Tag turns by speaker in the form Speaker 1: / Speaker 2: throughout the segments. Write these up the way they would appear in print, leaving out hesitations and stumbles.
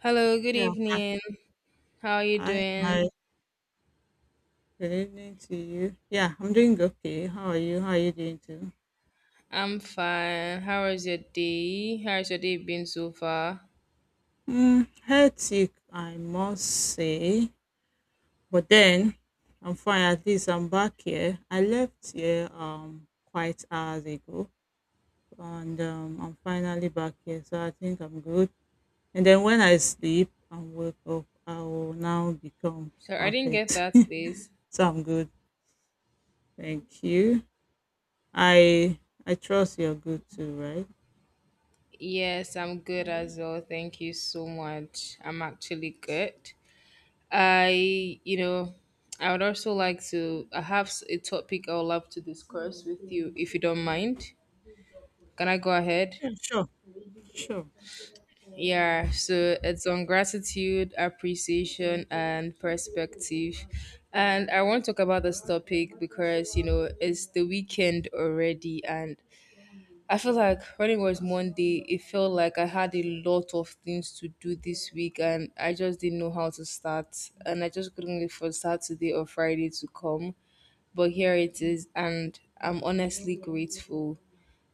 Speaker 1: Hello, good
Speaker 2: Yeah.
Speaker 1: evening. How are you
Speaker 2: Hi, hi.
Speaker 1: doing?
Speaker 2: Good evening to you. Yeah, I'm doing okay. How are you? How are you doing too?
Speaker 1: I'm fine. How was your day? How's your day been so far?
Speaker 2: Hectic, I must say. But then I'm fine. At least I'm back here. I left here quite hours ago, and I'm finally back here. So I think I'm good. And then when I sleep and wake up, I will now become
Speaker 1: So I didn't get
Speaker 2: perfect.
Speaker 1: that, please.
Speaker 2: So I'm good. Thank you. I I trust you're good too, right?
Speaker 1: Yes, I'm good as well. Thank you so much. I'm actually good. I, you know, I would also like to. I have a topic I would love to discuss with you, if you don't mind. Can I go ahead?
Speaker 2: Yeah, sure. Sure.
Speaker 1: Yeah, so it's on gratitude, appreciation, and perspective. And I want to talk about this topic because, you know, it's the weekend already. And I feel like when it was Monday, it felt like I had a lot of things to do this week and I just didn't know how to start. And I just couldn't wait for Saturday or Friday to come. But here it is. And I'm honestly grateful,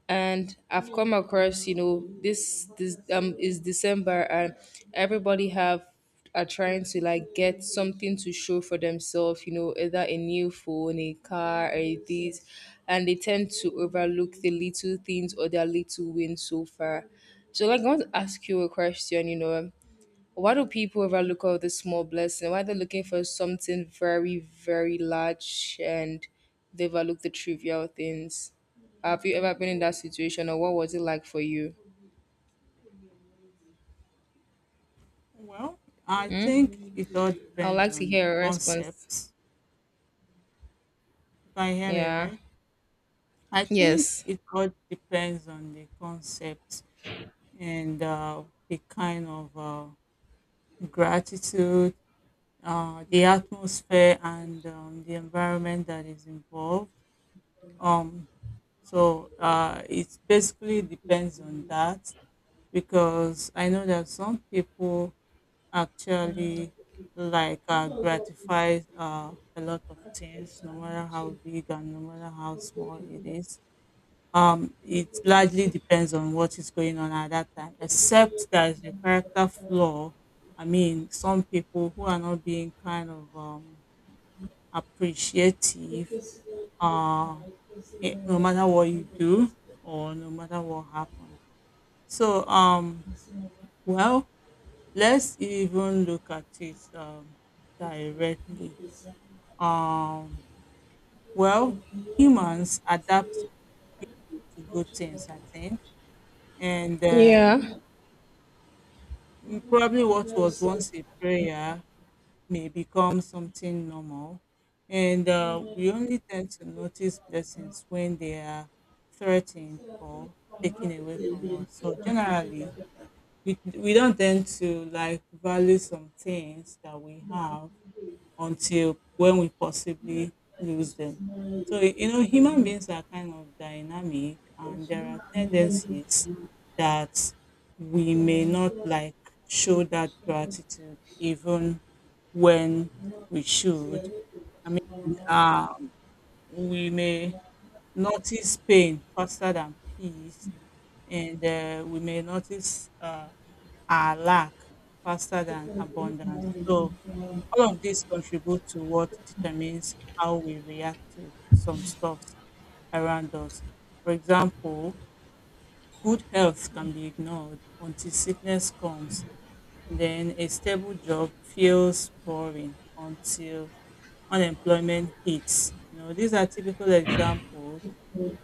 Speaker 1: and I've come across, you know, this is December, and everybody have are trying to like get something to show for themselves, you know, either a new phone, a car, a this, and they tend to overlook the little things or their little wins so far. So like I want to ask you a question, you know, why do people overlook all this small blessing? Why they're looking for something very, very large and they overlook the trivial things? Have you ever been in that situation or what was it like for you?
Speaker 2: Well, I think
Speaker 1: Hmm?
Speaker 2: it all
Speaker 1: I would
Speaker 2: depends
Speaker 1: like to
Speaker 2: on the
Speaker 1: hear a response.
Speaker 2: concept. You can hear me,
Speaker 1: Yeah.
Speaker 2: right? I think
Speaker 1: Yes.
Speaker 2: it all depends on the concept and the kind of gratitude, the atmosphere, and the environment that is involved. Um, so it basically depends on that. Because I know that some people actually like gratify a lot of things, no matter how big and no matter how small it is. It largely depends on what is going on at that time, except there's a character flaw. I mean, some people who are not being kind of appreciative, uh, no matter what you do or no matter what happens. So, well, let's even look at it directly. Um, well, humans adapt to good things, I think, and
Speaker 1: Yeah.
Speaker 2: probably what was once a prayer may become something normal, and we only tend to notice blessings when they are threatened or taken away from us. So generally, we don't tend to like value some things that we have until when we possibly lose them. So, human beings are kind of dynamic, and there are tendencies that we may not like show that gratitude even when we should. I mean, uh, we may notice pain faster than peace, and we may notice our lack faster than abundance. So, all of these contribute to what determines how we react to some stuff around us. For example, good health can be ignored until sickness comes, and then a stable job feels boring until unemployment hits. You know, these are typical examples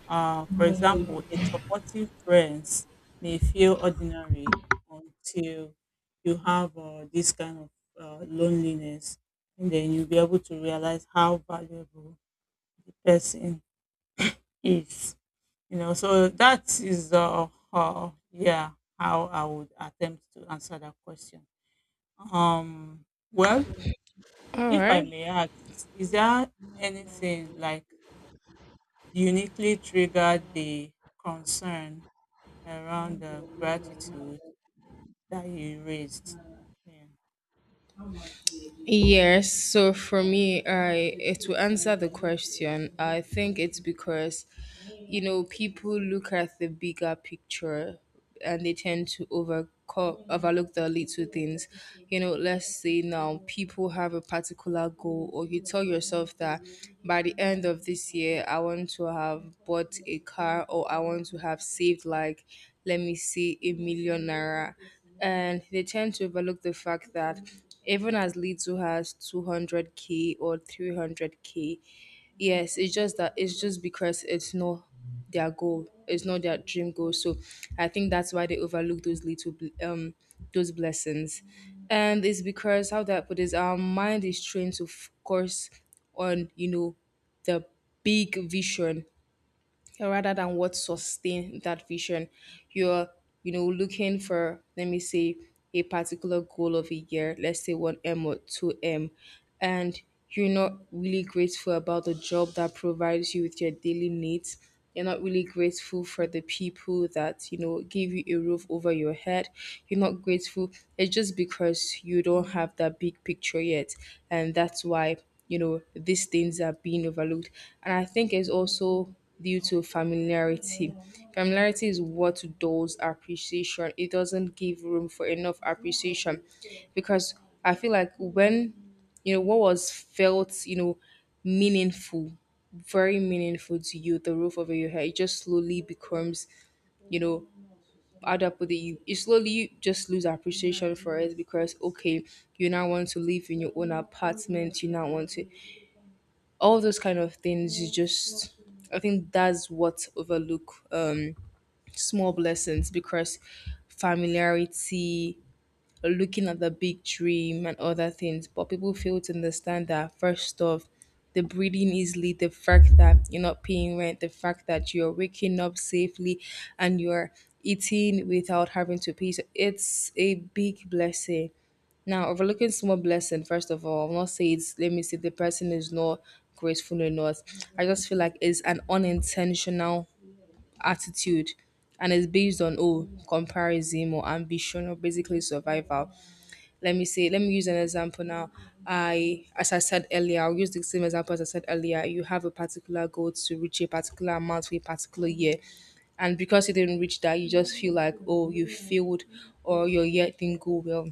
Speaker 2: for example, a supportive friends may feel ordinary until you have this kind of loneliness, and then you'll be able to realize how valuable the person is. You know, so that is uh yeah how I would attempt to answer that question. Um, well,
Speaker 1: All
Speaker 2: if I
Speaker 1: right.
Speaker 2: may ask, is there anything like uniquely triggered the concern around gratitude that you raised? Yeah.
Speaker 1: Yes, so for me, I it will answer the question. I think it's because, you know, people look at the bigger picture and they tend to overlook the little things. You know, let's say now people have a particular goal, or you tell yourself that by the end of this year, I want to have bought a car, or I want to have saved like, let me see, a million naira, and they tend to overlook the fact that even as little as 200k or 300k. Yes, it's just that, it's just because it's not their goal, it's not their dream goal. So I think that's why they overlook those those blessings. And it's because how that put is, our mind is trained to focus on, you know, the big vision, so rather than what sustain that vision. You're, you know, looking for, let me say, a particular goal of a year, let's say 1M or 2M, and you're not really grateful about the job that provides you with your daily needs. You're not really grateful for the people that, you know, give you a roof over your head. You're not grateful. It's just because you don't have that big picture yet. And that's why, you know, these things are being overlooked. And I think it's also due to familiarity. Familiarity is what dulls appreciation. It doesn't give room for enough appreciation because I feel like when you know what was felt, you know, meaningful, very meaningful to you, the roof over your head, it just slowly becomes, you know, how do I put it? You slowly just lose appreciation for it because okay, you now want to live in your own apartment, you now want to, all those kind of things you just, I think that's what overlook small blessings because familiarity, looking at the big dream and other things, but people fail to understand that first off, the breathing easily, the fact that you're not paying rent, the fact that you're waking up safely and you're eating without having to pay. So it's a big blessing. Now, overlooking small blessing, first of all, I'm not saying it's, let me say the person is not grateful or not. I just feel like it's an unintentional attitude, and it's based on oh comparison or ambition or basically survival. Let me see, let me use an example now. I, as I said earlier, I'll use the same example as I said earlier. You have a particular goal to reach a particular amount for a particular year, and because you didn't reach that, you just feel like, oh, you failed or your year didn't go well.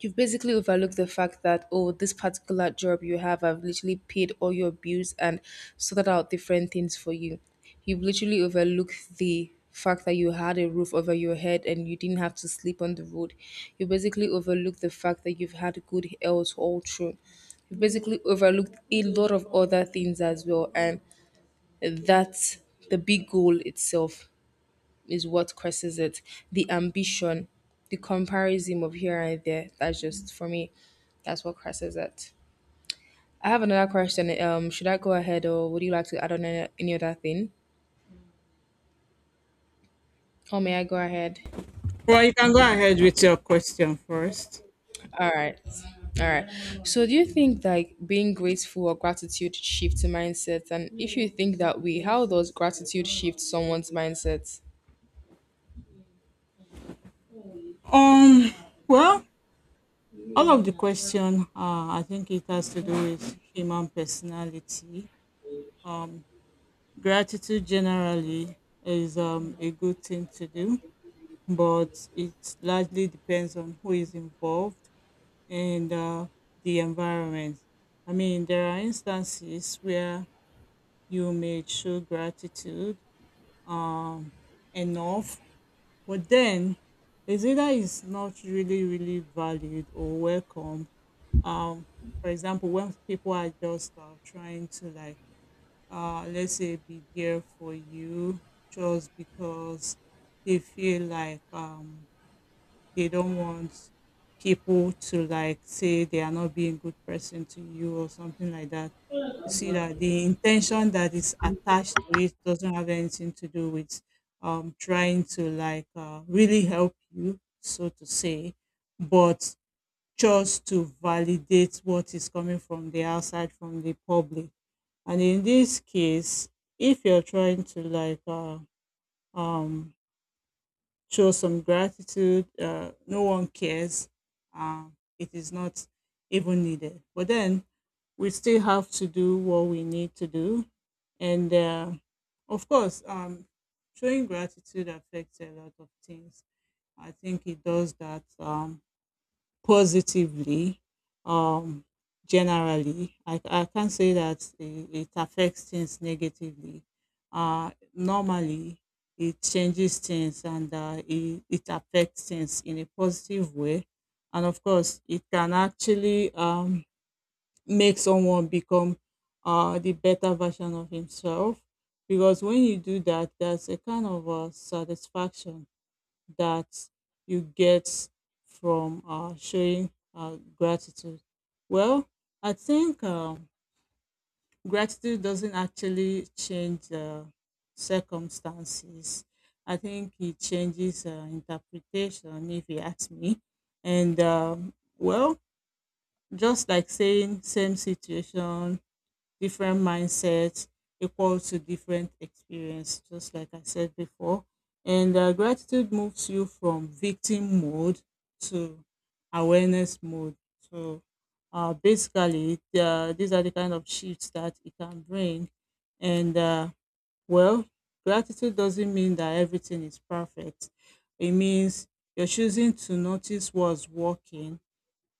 Speaker 1: You've basically overlooked the fact that, oh, this particular job you have, I've literally paid all your bills and sorted out different things for you. You've literally overlooked the fact that you had a roof over your head and you didn't have to sleep on the road. You basically overlooked the fact that you've had good health all through. You basically overlooked a lot of other things as well, and that's the big goal itself is what causes it. The ambition, the comparison of here and there. That's just for me. That's what causes it. I have another question. Should I go ahead, or would you like to add on any other thing? Or may I go ahead?
Speaker 2: Well, you can go ahead with your question first.
Speaker 1: All right. All right. So, do you think like being grateful or gratitude shifts mindset? And if you think that way, how does gratitude shift someone's mindset?
Speaker 2: Um, well, all of the question, I think it has to do with human personality. Um, Gratitude generally is a good thing to do, but it largely depends on who is involved and the environment. I mean, there are instances where you may show gratitude um enough, but then it's either it's not really really valued or welcome. um for example, when people are just trying to like let's say be there for you just because they feel like they don't want people to like say they are not being good person to you or something like that. You see that the intention that is attached to it doesn't have anything to do with trying to like really help you so to say, but just to validate what is coming from the outside from the public. And in this case, if you're trying to like um show some gratitude. No one cares. Uh, it is not even needed. But then we still have to do what we need to do. And of course, showing gratitude affects a lot of things. I think it does that. Positively. um Generally, I can't say that it affects things negatively. Normally, it changes things, and it affects things in a positive way. And of course, it can actually make someone become the better version of himself, because when you do that there's a kind of satisfaction that you get from showing gratitude. Well, I think gratitude doesn't actually change the circumstances. I think it changes interpretation, if you ask me. And well, just like saying same situation different mindsets equal to different experience, just like I said before. And gratitude moves you from victim mode to awareness mode. So basically, these are the kind of shifts that it can bring. And well, gratitude doesn't mean that everything is perfect. It means you're choosing to notice what's working,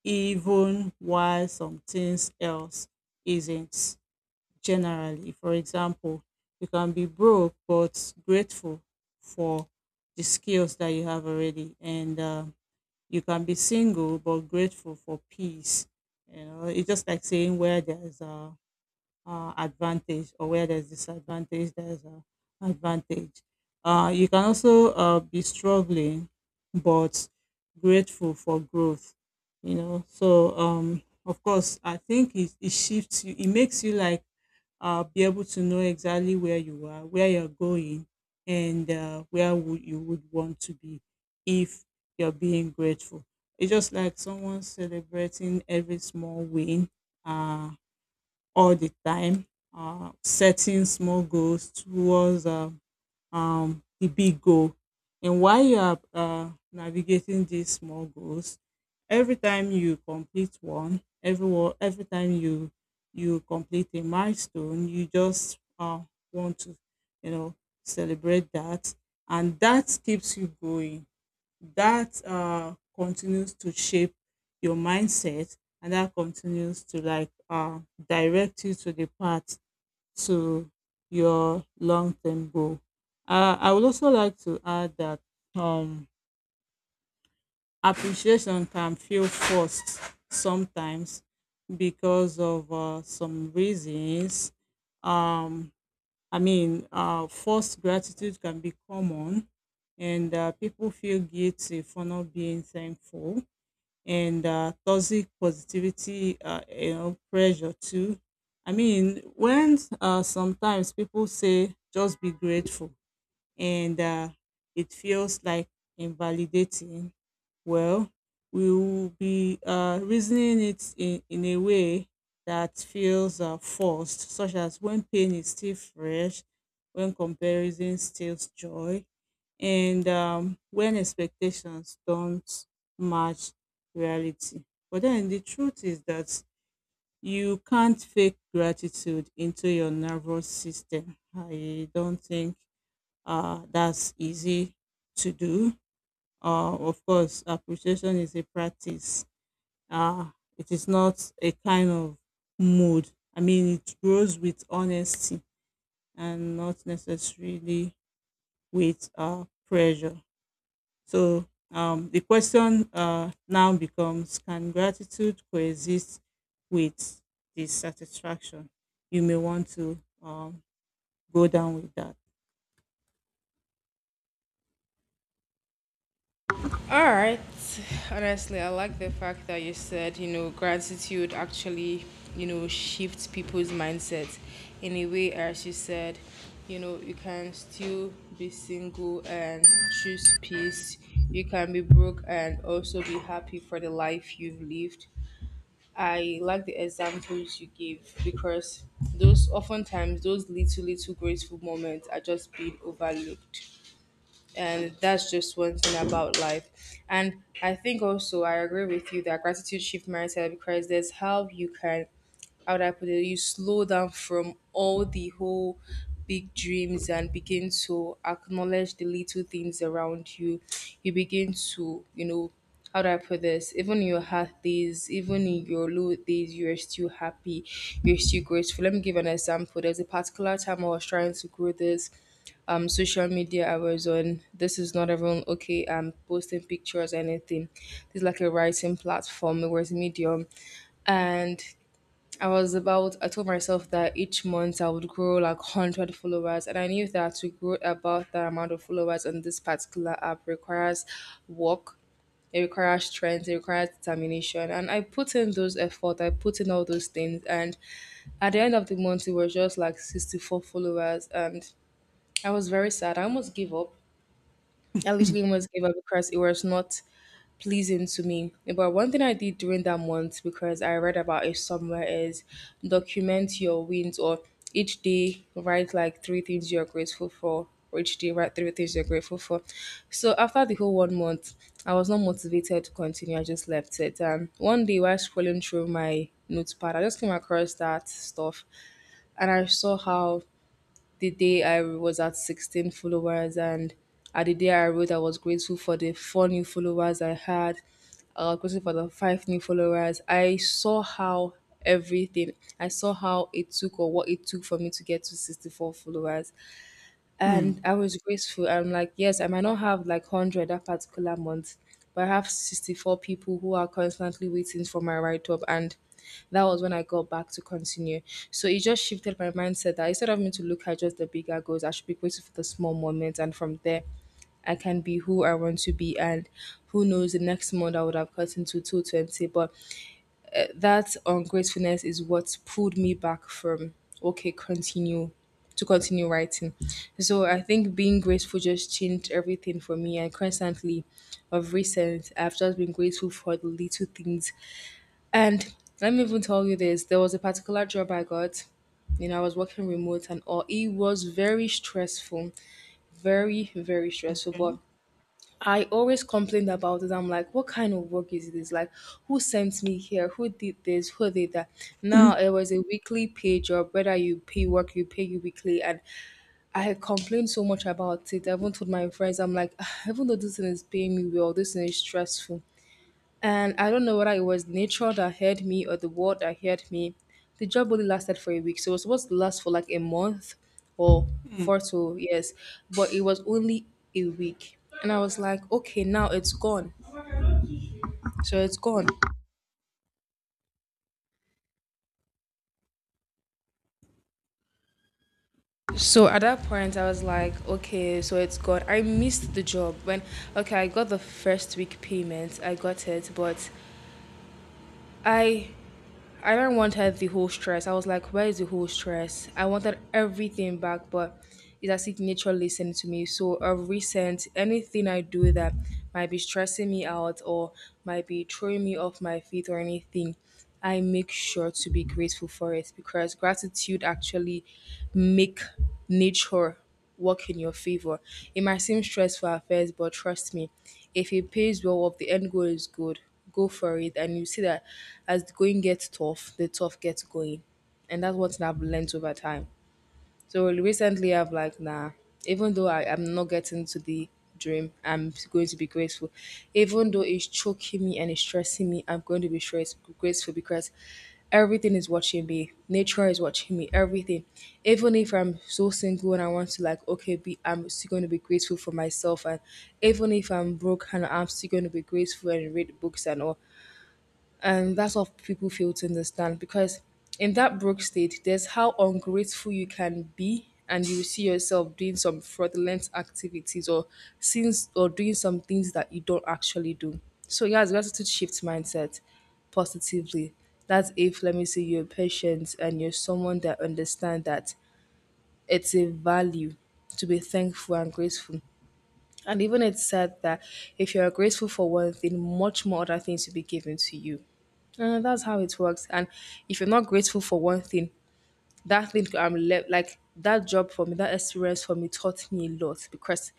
Speaker 2: even while some things else isn't generally. For example, you can be broke but grateful for the skills that you have already, and you can be single but grateful for peace. You know, it's just like saying where there's a advantage or where there's disadvantage, there's a advantage. You can also be struggling but grateful for growth. You know, so of course, I think it shifts you. It makes you like be able to know exactly where you are, where you're going, and where would you would want to be if you're being grateful. It's just like someone celebrating every small win uh, all the time, setting small goals towards the big goal. And while you are navigating these small goals, every time you complete one, every time you complete a milestone, you just want to, you know, celebrate that, and that keeps you going. That continues to shape your mindset, and that continues to like direct you to the path to your long term goal. I would also like to add that um, appreciation can feel forced sometimes because of some reasons. Um, I mean, forced gratitude can be common, and people feel guilty for not being thankful and toxic positivity, pressure too. I mean, when sometimes people say just be grateful, and it feels like invalidating, well, we will be reasoning it in a way that feels forced, such as when pain is still fresh, when comparison steals joy, and when expectations don't match reality. But then the truth is that you can't fake gratitude into your nervous system. I don't think that's easy to do. Of course, appreciation is a practice. Uh, it is not a kind of mood. I mean, it grows with honesty and not necessarily with pressure. So the question now becomes: Can gratitude coexist with dissatisfaction? You may want to go down with that.
Speaker 1: All right. Honestly, I like the fact that you said, you know, gratitude actually, you know, shifts people's mindset in a way, as you said, you know, you can still be single and choose peace. You can be broke and also be happy for the life you've lived. I like the examples you give because those oftentimes, those little little graceful moments are just being overlooked, and that's just one thing about life. And I think also I agree with you that gratitude shift mindset because there's how you can, how would I put it, you slow down from all the whole big dreams and begin to acknowledge the little things around you. You begin to, you know, how do I put this? Even in your hard days, even in your low days, you are still happy. You're still grateful. Let me give an example. There's a particular time I was trying to grow this social media I was on. This is not everyone, okay? I'm posting pictures, anything. This is like a writing platform, it was Medium. And I was about, I told myself that each month I would grow like 100 followers, and I knew that to grow about that amount of followers on this particular app requires work. It requires strength, it requires determination, and I put in those effort, I put in all those things, and at the end of the month it was just like 64 followers, and I was very sad. I almost gave up. I literally almost gave up because it was not pleasing to me. But one thing I did during that month because I read about it somewhere is document your wins, or each day write like three things you're grateful for. Or each day write three things you're grateful for. So after the whole one month, I was not motivated to continue. I just left it. And one day while scrolling through my notepad, I just came across that stuff, and I saw how the day I was at 16 followers, and at the day I wrote, I was grateful for the four new followers I had. I was grateful for the five new followers. I saw how everything, I saw how it took or what it took for me to get to 64 followers, and
Speaker 2: Hmm.
Speaker 1: I was grateful. I'm like, yes, I might not have like 100 that particular month, but I have 64 people who are constantly waiting for my write up, and that was when I got back to continue. So it just shifted my mindset that instead of me to look at just the bigger goals, I should be grateful for the small moments, and from there, I can be who I want to be, and who knows, the next month I would have gotten to 220, but that ungratefulness is what pulled me back from, okay continue, to continue writing. So I think being grateful just changed everything for me, and constantly of recent I've just been grateful for the little things. And let me even tell you this, there was a particular job I got, you know, I was working remote and all, it was very stressful, very stressful,
Speaker 2: Okay.
Speaker 1: but I always complained about it. I'm like, what kind of work is this? Like, who sent me here? Who did this? Who did that? Now it was a weekly pay job. Whether you pay work, you pay you weekly. And I had complained so much about it. I even told my friends, I'm like, "Ah, even though this thing is paying me well, this thing is stressful." And I don't know whether it was nature that heard me or the world that heard me. The job only lasted for a week. So it was supposed to last for like a month or four to yes. But it was only a week. And I was like, "Okay, now it's gone. So it's gone." So at that point, I was like, "Okay, so it's gone." I missed the job when, okay, I got the first week payment. I got it, but I I don't wanted the whole stress. I was like, where is the whole stress? I wanted everything back, but it's as if nature listened to me. So a recent anything I do that might be stressing me out or might be throwing me off my feet or anything, I make sure to be grateful for it because gratitude actually make nature work in your favor. It might seem stressful at first, but trust me, if it pays well or if the end goal is good, go for it. And you see that as the going gets tough, the tough gets going. And that's what I've learned over time. So recently, I've like, nah, even though I'm not getting to the dream, I'm going to be grateful. Even though it's choking me and it's stressing me, I'm going to be stress, grateful because everything is watching me. Nature is watching me, everything. Even if I'm so single and I want to, like, okay, be, I'm still going to be grateful for myself. And even if I'm broke and I'm still going to be grateful and read books and all. And that's what people fail to understand because in that broke state, there's how ungrateful you can be, and you see yourself doing some fraudulent activities or sins or doing some things that you don't actually do. So yes, gratitude shifts mindset positively. That's if let me say you're patient and you're someone that understand that it's a value to be thankful and grateful. And even it said that if you are grateful for one thing, much more other things will be given to you. And that's how it works. And if you're not grateful for one thing, that thing I'm left like that job for me, that experience for me taught me a lot because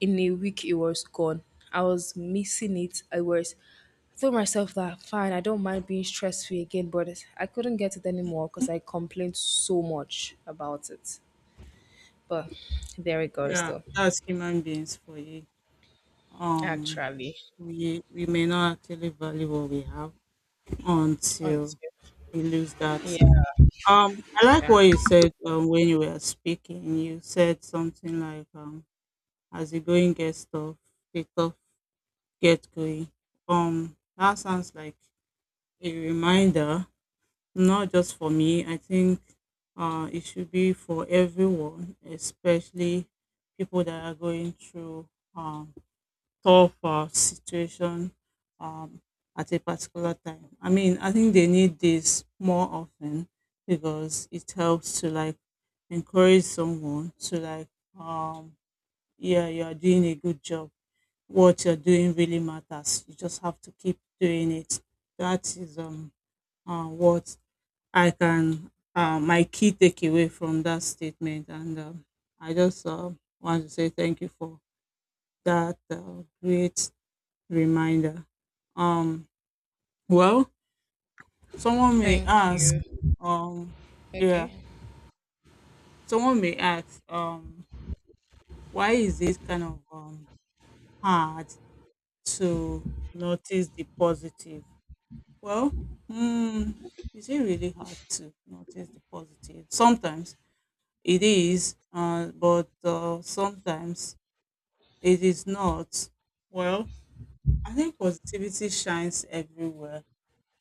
Speaker 1: in a week it was gone. I was missing it. I was I told myself that fine, I don't mind being stress free again, but I couldn't get it anymore because I complained so much about it. But there it goes
Speaker 2: Yeah,
Speaker 1: though.
Speaker 2: as human beings for you. Um,
Speaker 1: Actually.
Speaker 2: we may not actually value what we have
Speaker 1: On to-
Speaker 2: until we lose that thing.
Speaker 1: yeah.
Speaker 2: I like what you said when you were speaking. You said something like, "As the going gets tough, the tough get going." That sounds like a reminder, not just for me. I think it should be for everyone, especially people that are going through. Um, Tough situation um, at a particular time. I mean, I think they need this more often because it helps to like encourage someone to like, um, yeah, you are doing a good job. What you're doing really matters. You just have to keep doing it. That is what my key takeaway from that statement. And I just want to say thank you for that great reminder. Um, well, someone may
Speaker 1: Thank
Speaker 2: ask,
Speaker 1: you.
Speaker 2: um, yeah,
Speaker 1: Okay.
Speaker 2: someone may ask, why is it kind of hard to notice the positive? Well, mm, is it really hard to notice the positive? Sometimes it is, but sometimes it is not. Well, I think positivity shines everywhere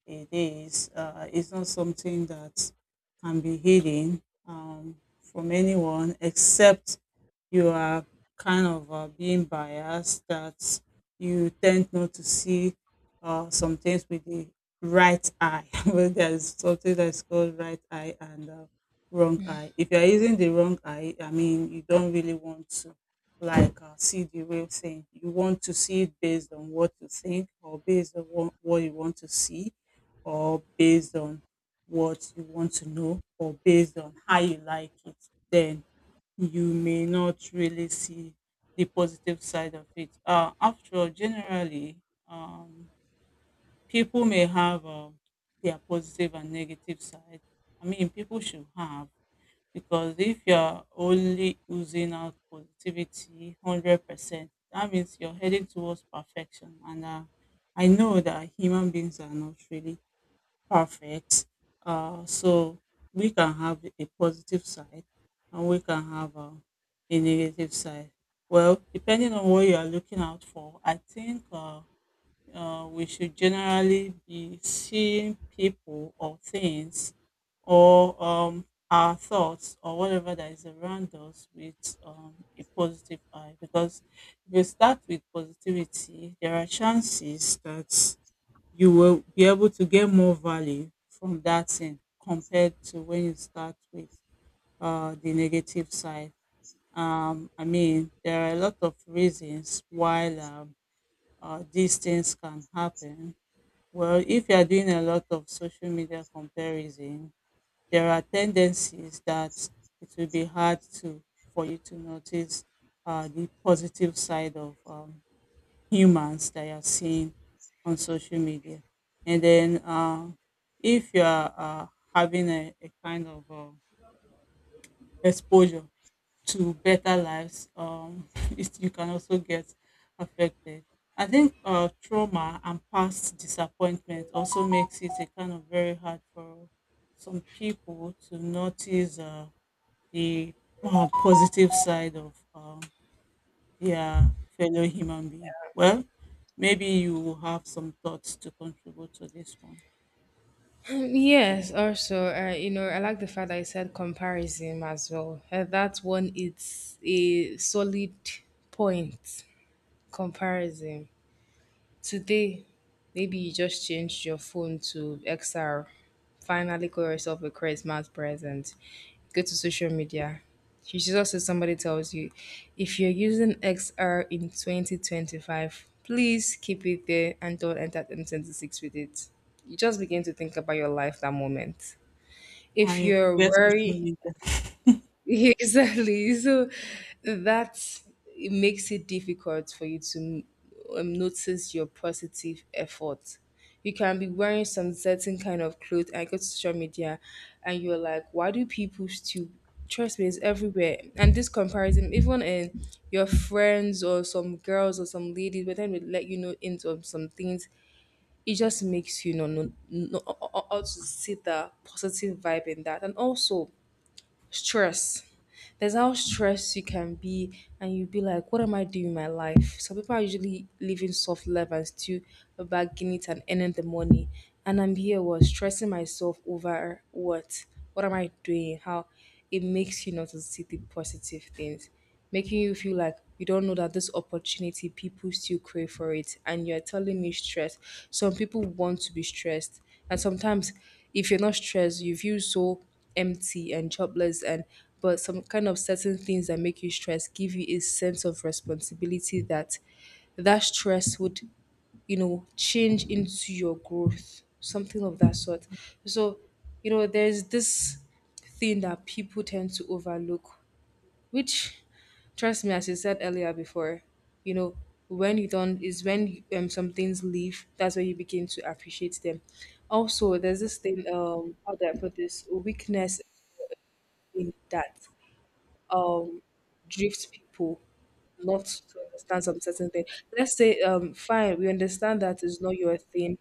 Speaker 2: it is. It's not something that can be hidden from anyone except you are kind of being biased that you tend not to see some things with the right eye. Well, there's something that's called right eye and wrong eye. If you're using the wrong eye, I mean, you don't really want to like see the real thing. You want to see it based on what you think or based on what you want to see or based on what you want to know or based on how you like it, then you may not really see the positive side of it. After all, generally, um, people may have their positive and negative side. I mean, people should have because if you're only using out positivity 100%, that means you're heading towards perfection. And I know that human beings are not really perfect. So we can have a positive side and we can have a negative side. Well, depending on what you are looking out for, I think we should generally be seeing people or things or our thoughts or whatever that is around us with a positive eye. Because if we start with positivity, there are chances that you will be able to get more value from that thing compared to when you start with the negative side. I mean, there are a lot of reasons why these things can happen. Well, if you are doing a lot of social media comparison, there are tendencies that it will be hard to for you to notice the positive side of humans that you're seeing on social media. And then if you are having a kind of exposure to better lives, you can also get affected. I think trauma and past disappointment also makes it a kind of very hard for some people to notice the positive side of their fellow human being. Well, maybe you will have some thoughts to contribute to this one.
Speaker 1: Yes, also, you know, I like the fact that you said comparison as well. That one, it's a solid point, comparison. Today, maybe you just changed your phone to XR. Finally, got yourself a Christmas present. Go to social media. You should also somebody tells you if you're using XR in 2025, please keep it there and don't enter 2026 with it. You just begin to think about your life that moment. If
Speaker 2: I
Speaker 1: you're
Speaker 2: forget social
Speaker 1: worried,
Speaker 2: media.
Speaker 1: exactly. So that it makes it difficult for you to notice your positive effort. You can be wearing some certain kind of clothes and go to social media and you're like, why do people still trust me it's everywhere? And this comparison, even in your friends or some girls or some ladies, but then they let you know into some things, it just makes you know, ought to see the positive vibe in that. And also stress. There's how stressed you can be, and you'll be like, what am I doing in my life? Some people are usually living soft life and still bagging it and earning the money. And I'm here was stressing myself over what? What am I doing? How it makes you not to see the positive things making you feel like you don't know that this opportunity people still crave for it and you're telling me stress some people want to be stressed and sometimes if you're not stressed you feel so empty and jobless and but some kind of certain things that make you stress give you a sense of responsibility that that stress would, you know, change into your growth something of that sort. So you know there's this thing that people tend to overlook which trust me as you said earlier before, you know, when you don't is when some things leave that's when you begin to appreciate them. Also there's this thing, how do I put this, weakness in that um drift people not to understand some certain thing. Let's say, fine, we understand that it's not your thing,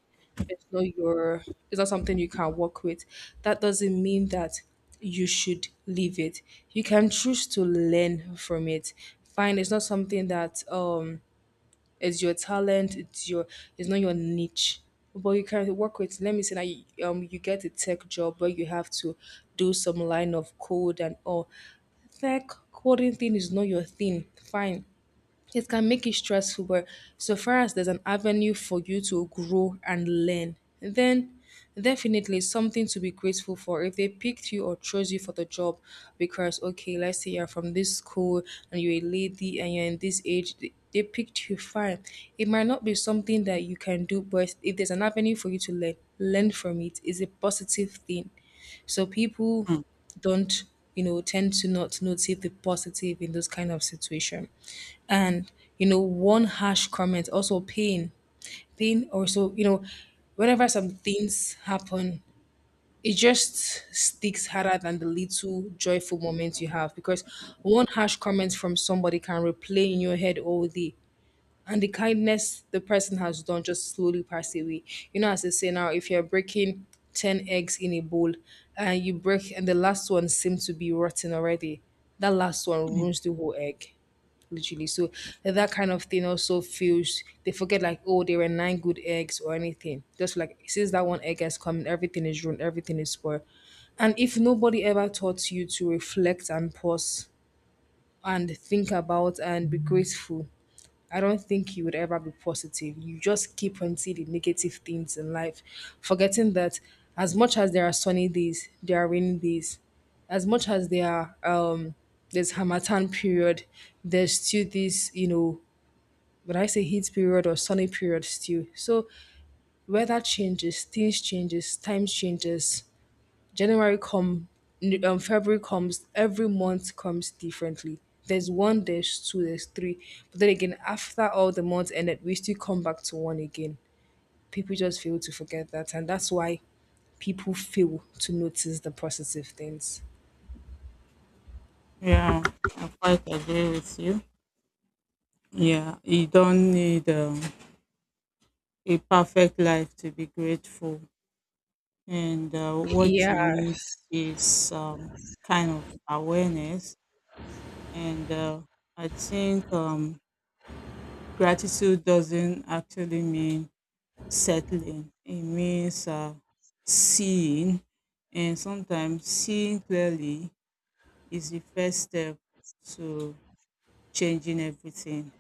Speaker 1: it's not your, it's not something you can work with. That doesn't mean that you should leave it. You can choose to learn from it. Fine, it's not something that it's your talent. It's your. It's not your niche. But you can work with. Let me say that you, you get a tech job where you have to do some line of code and all. Tech coding thing is not your thing. Fine, it can make it stressful, but so far as there's an avenue for you to grow and learn, then definitely something to be grateful for if they picked you or chose you for the job because okay let's say you're from this school and you're a lady and you're in this age they picked you fine it might not be something that you can do but if there's an avenue for you to learn from it is a positive thing. So people
Speaker 2: Mm,
Speaker 1: don't, you know, tend to not notice the positive in those kind of situation. And, you know, one harsh comment, also pain. Pain also, you know, whenever some things happen, it just sticks harder than the little joyful moments you have because one harsh comment from somebody can replay in your head all day and the kindness the person has done just slowly pass away. You know, as I say now, if you're breaking 10 eggs in a bowl and you break, and the last one seems to be rotten already, that last one
Speaker 2: mm.
Speaker 1: ruins the whole egg literally. So that kind of thing also feels they forget like oh there were nine good eggs or anything just like since that one egg has come in, everything is ruined everything is spoiled. And if nobody ever taught you to reflect and pause and think about and be grateful, I don't think you would ever be positive. You just keep on seeing the negative things in life, forgetting that as much as there are sunny days, there are rainy days. As much as there are there's Hamatan period, there's still this, you know, when I say heat period or sunny period still. So weather changes, things changes, time changes. January come, February comes. Every month comes differently. There's one, there's two, there's three. But then again, after all the months ended, we still come back to one again. People just fail to forget that, and that's why people fail to notice the positive things.
Speaker 2: Yeah, I quite agree with you. Yeah, you don't need a perfect life to be grateful. And what you need
Speaker 1: Yes.
Speaker 2: is kind of awareness. And I think gratitude doesn't actually mean settling, it means seeing, and sometimes seeing clearly is the first step to changing everything.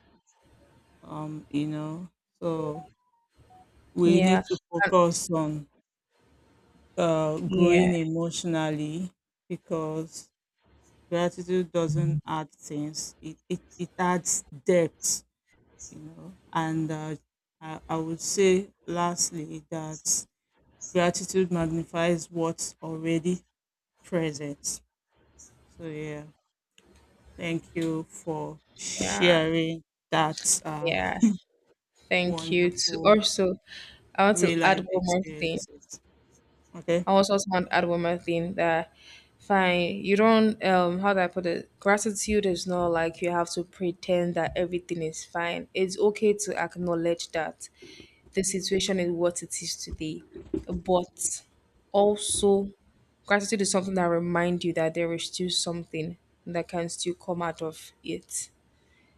Speaker 2: Um, you know, so we need
Speaker 1: Yeah.
Speaker 2: to
Speaker 1: Uh,
Speaker 2: focus on
Speaker 1: yeah.
Speaker 2: growing emotionally because gratitude doesn't add things; it adds depth. And I would say lastly that gratitude magnifies what's already presence. So yeah, thank you for
Speaker 1: Yeah.
Speaker 2: sharing that
Speaker 1: Yes. Thank you. To
Speaker 2: wonderful
Speaker 1: also, I want to
Speaker 2: real
Speaker 1: add
Speaker 2: life
Speaker 1: one more thing.
Speaker 2: experiences. Okay.
Speaker 1: I also want to add one more thing that fine, you don't how do I put it? Gratitude is not like you have to pretend that everything is fine. It's okay to acknowledge that the situation is what it is today. But also gratitude is something that reminds you that there is still something that can still come out of it,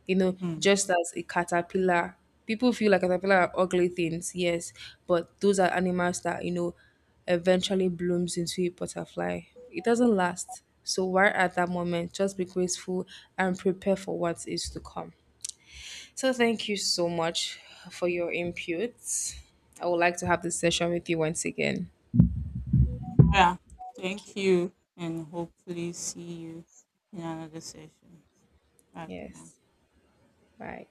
Speaker 1: you know,
Speaker 2: Mm.
Speaker 1: just as a caterpillar. People feel like caterpillar are ugly things, yes, but those are animals that, you know, eventually blooms into a butterfly. It doesn't last. So why at that moment just be grateful and prepare for what is to come. So thank you so much for your inputs. I would like to have this session with you once again.
Speaker 2: Yeah.
Speaker 1: Thank you.
Speaker 2: Thank you, and hopefully see you in another session. Bye for now.
Speaker 1: Yes. Bye.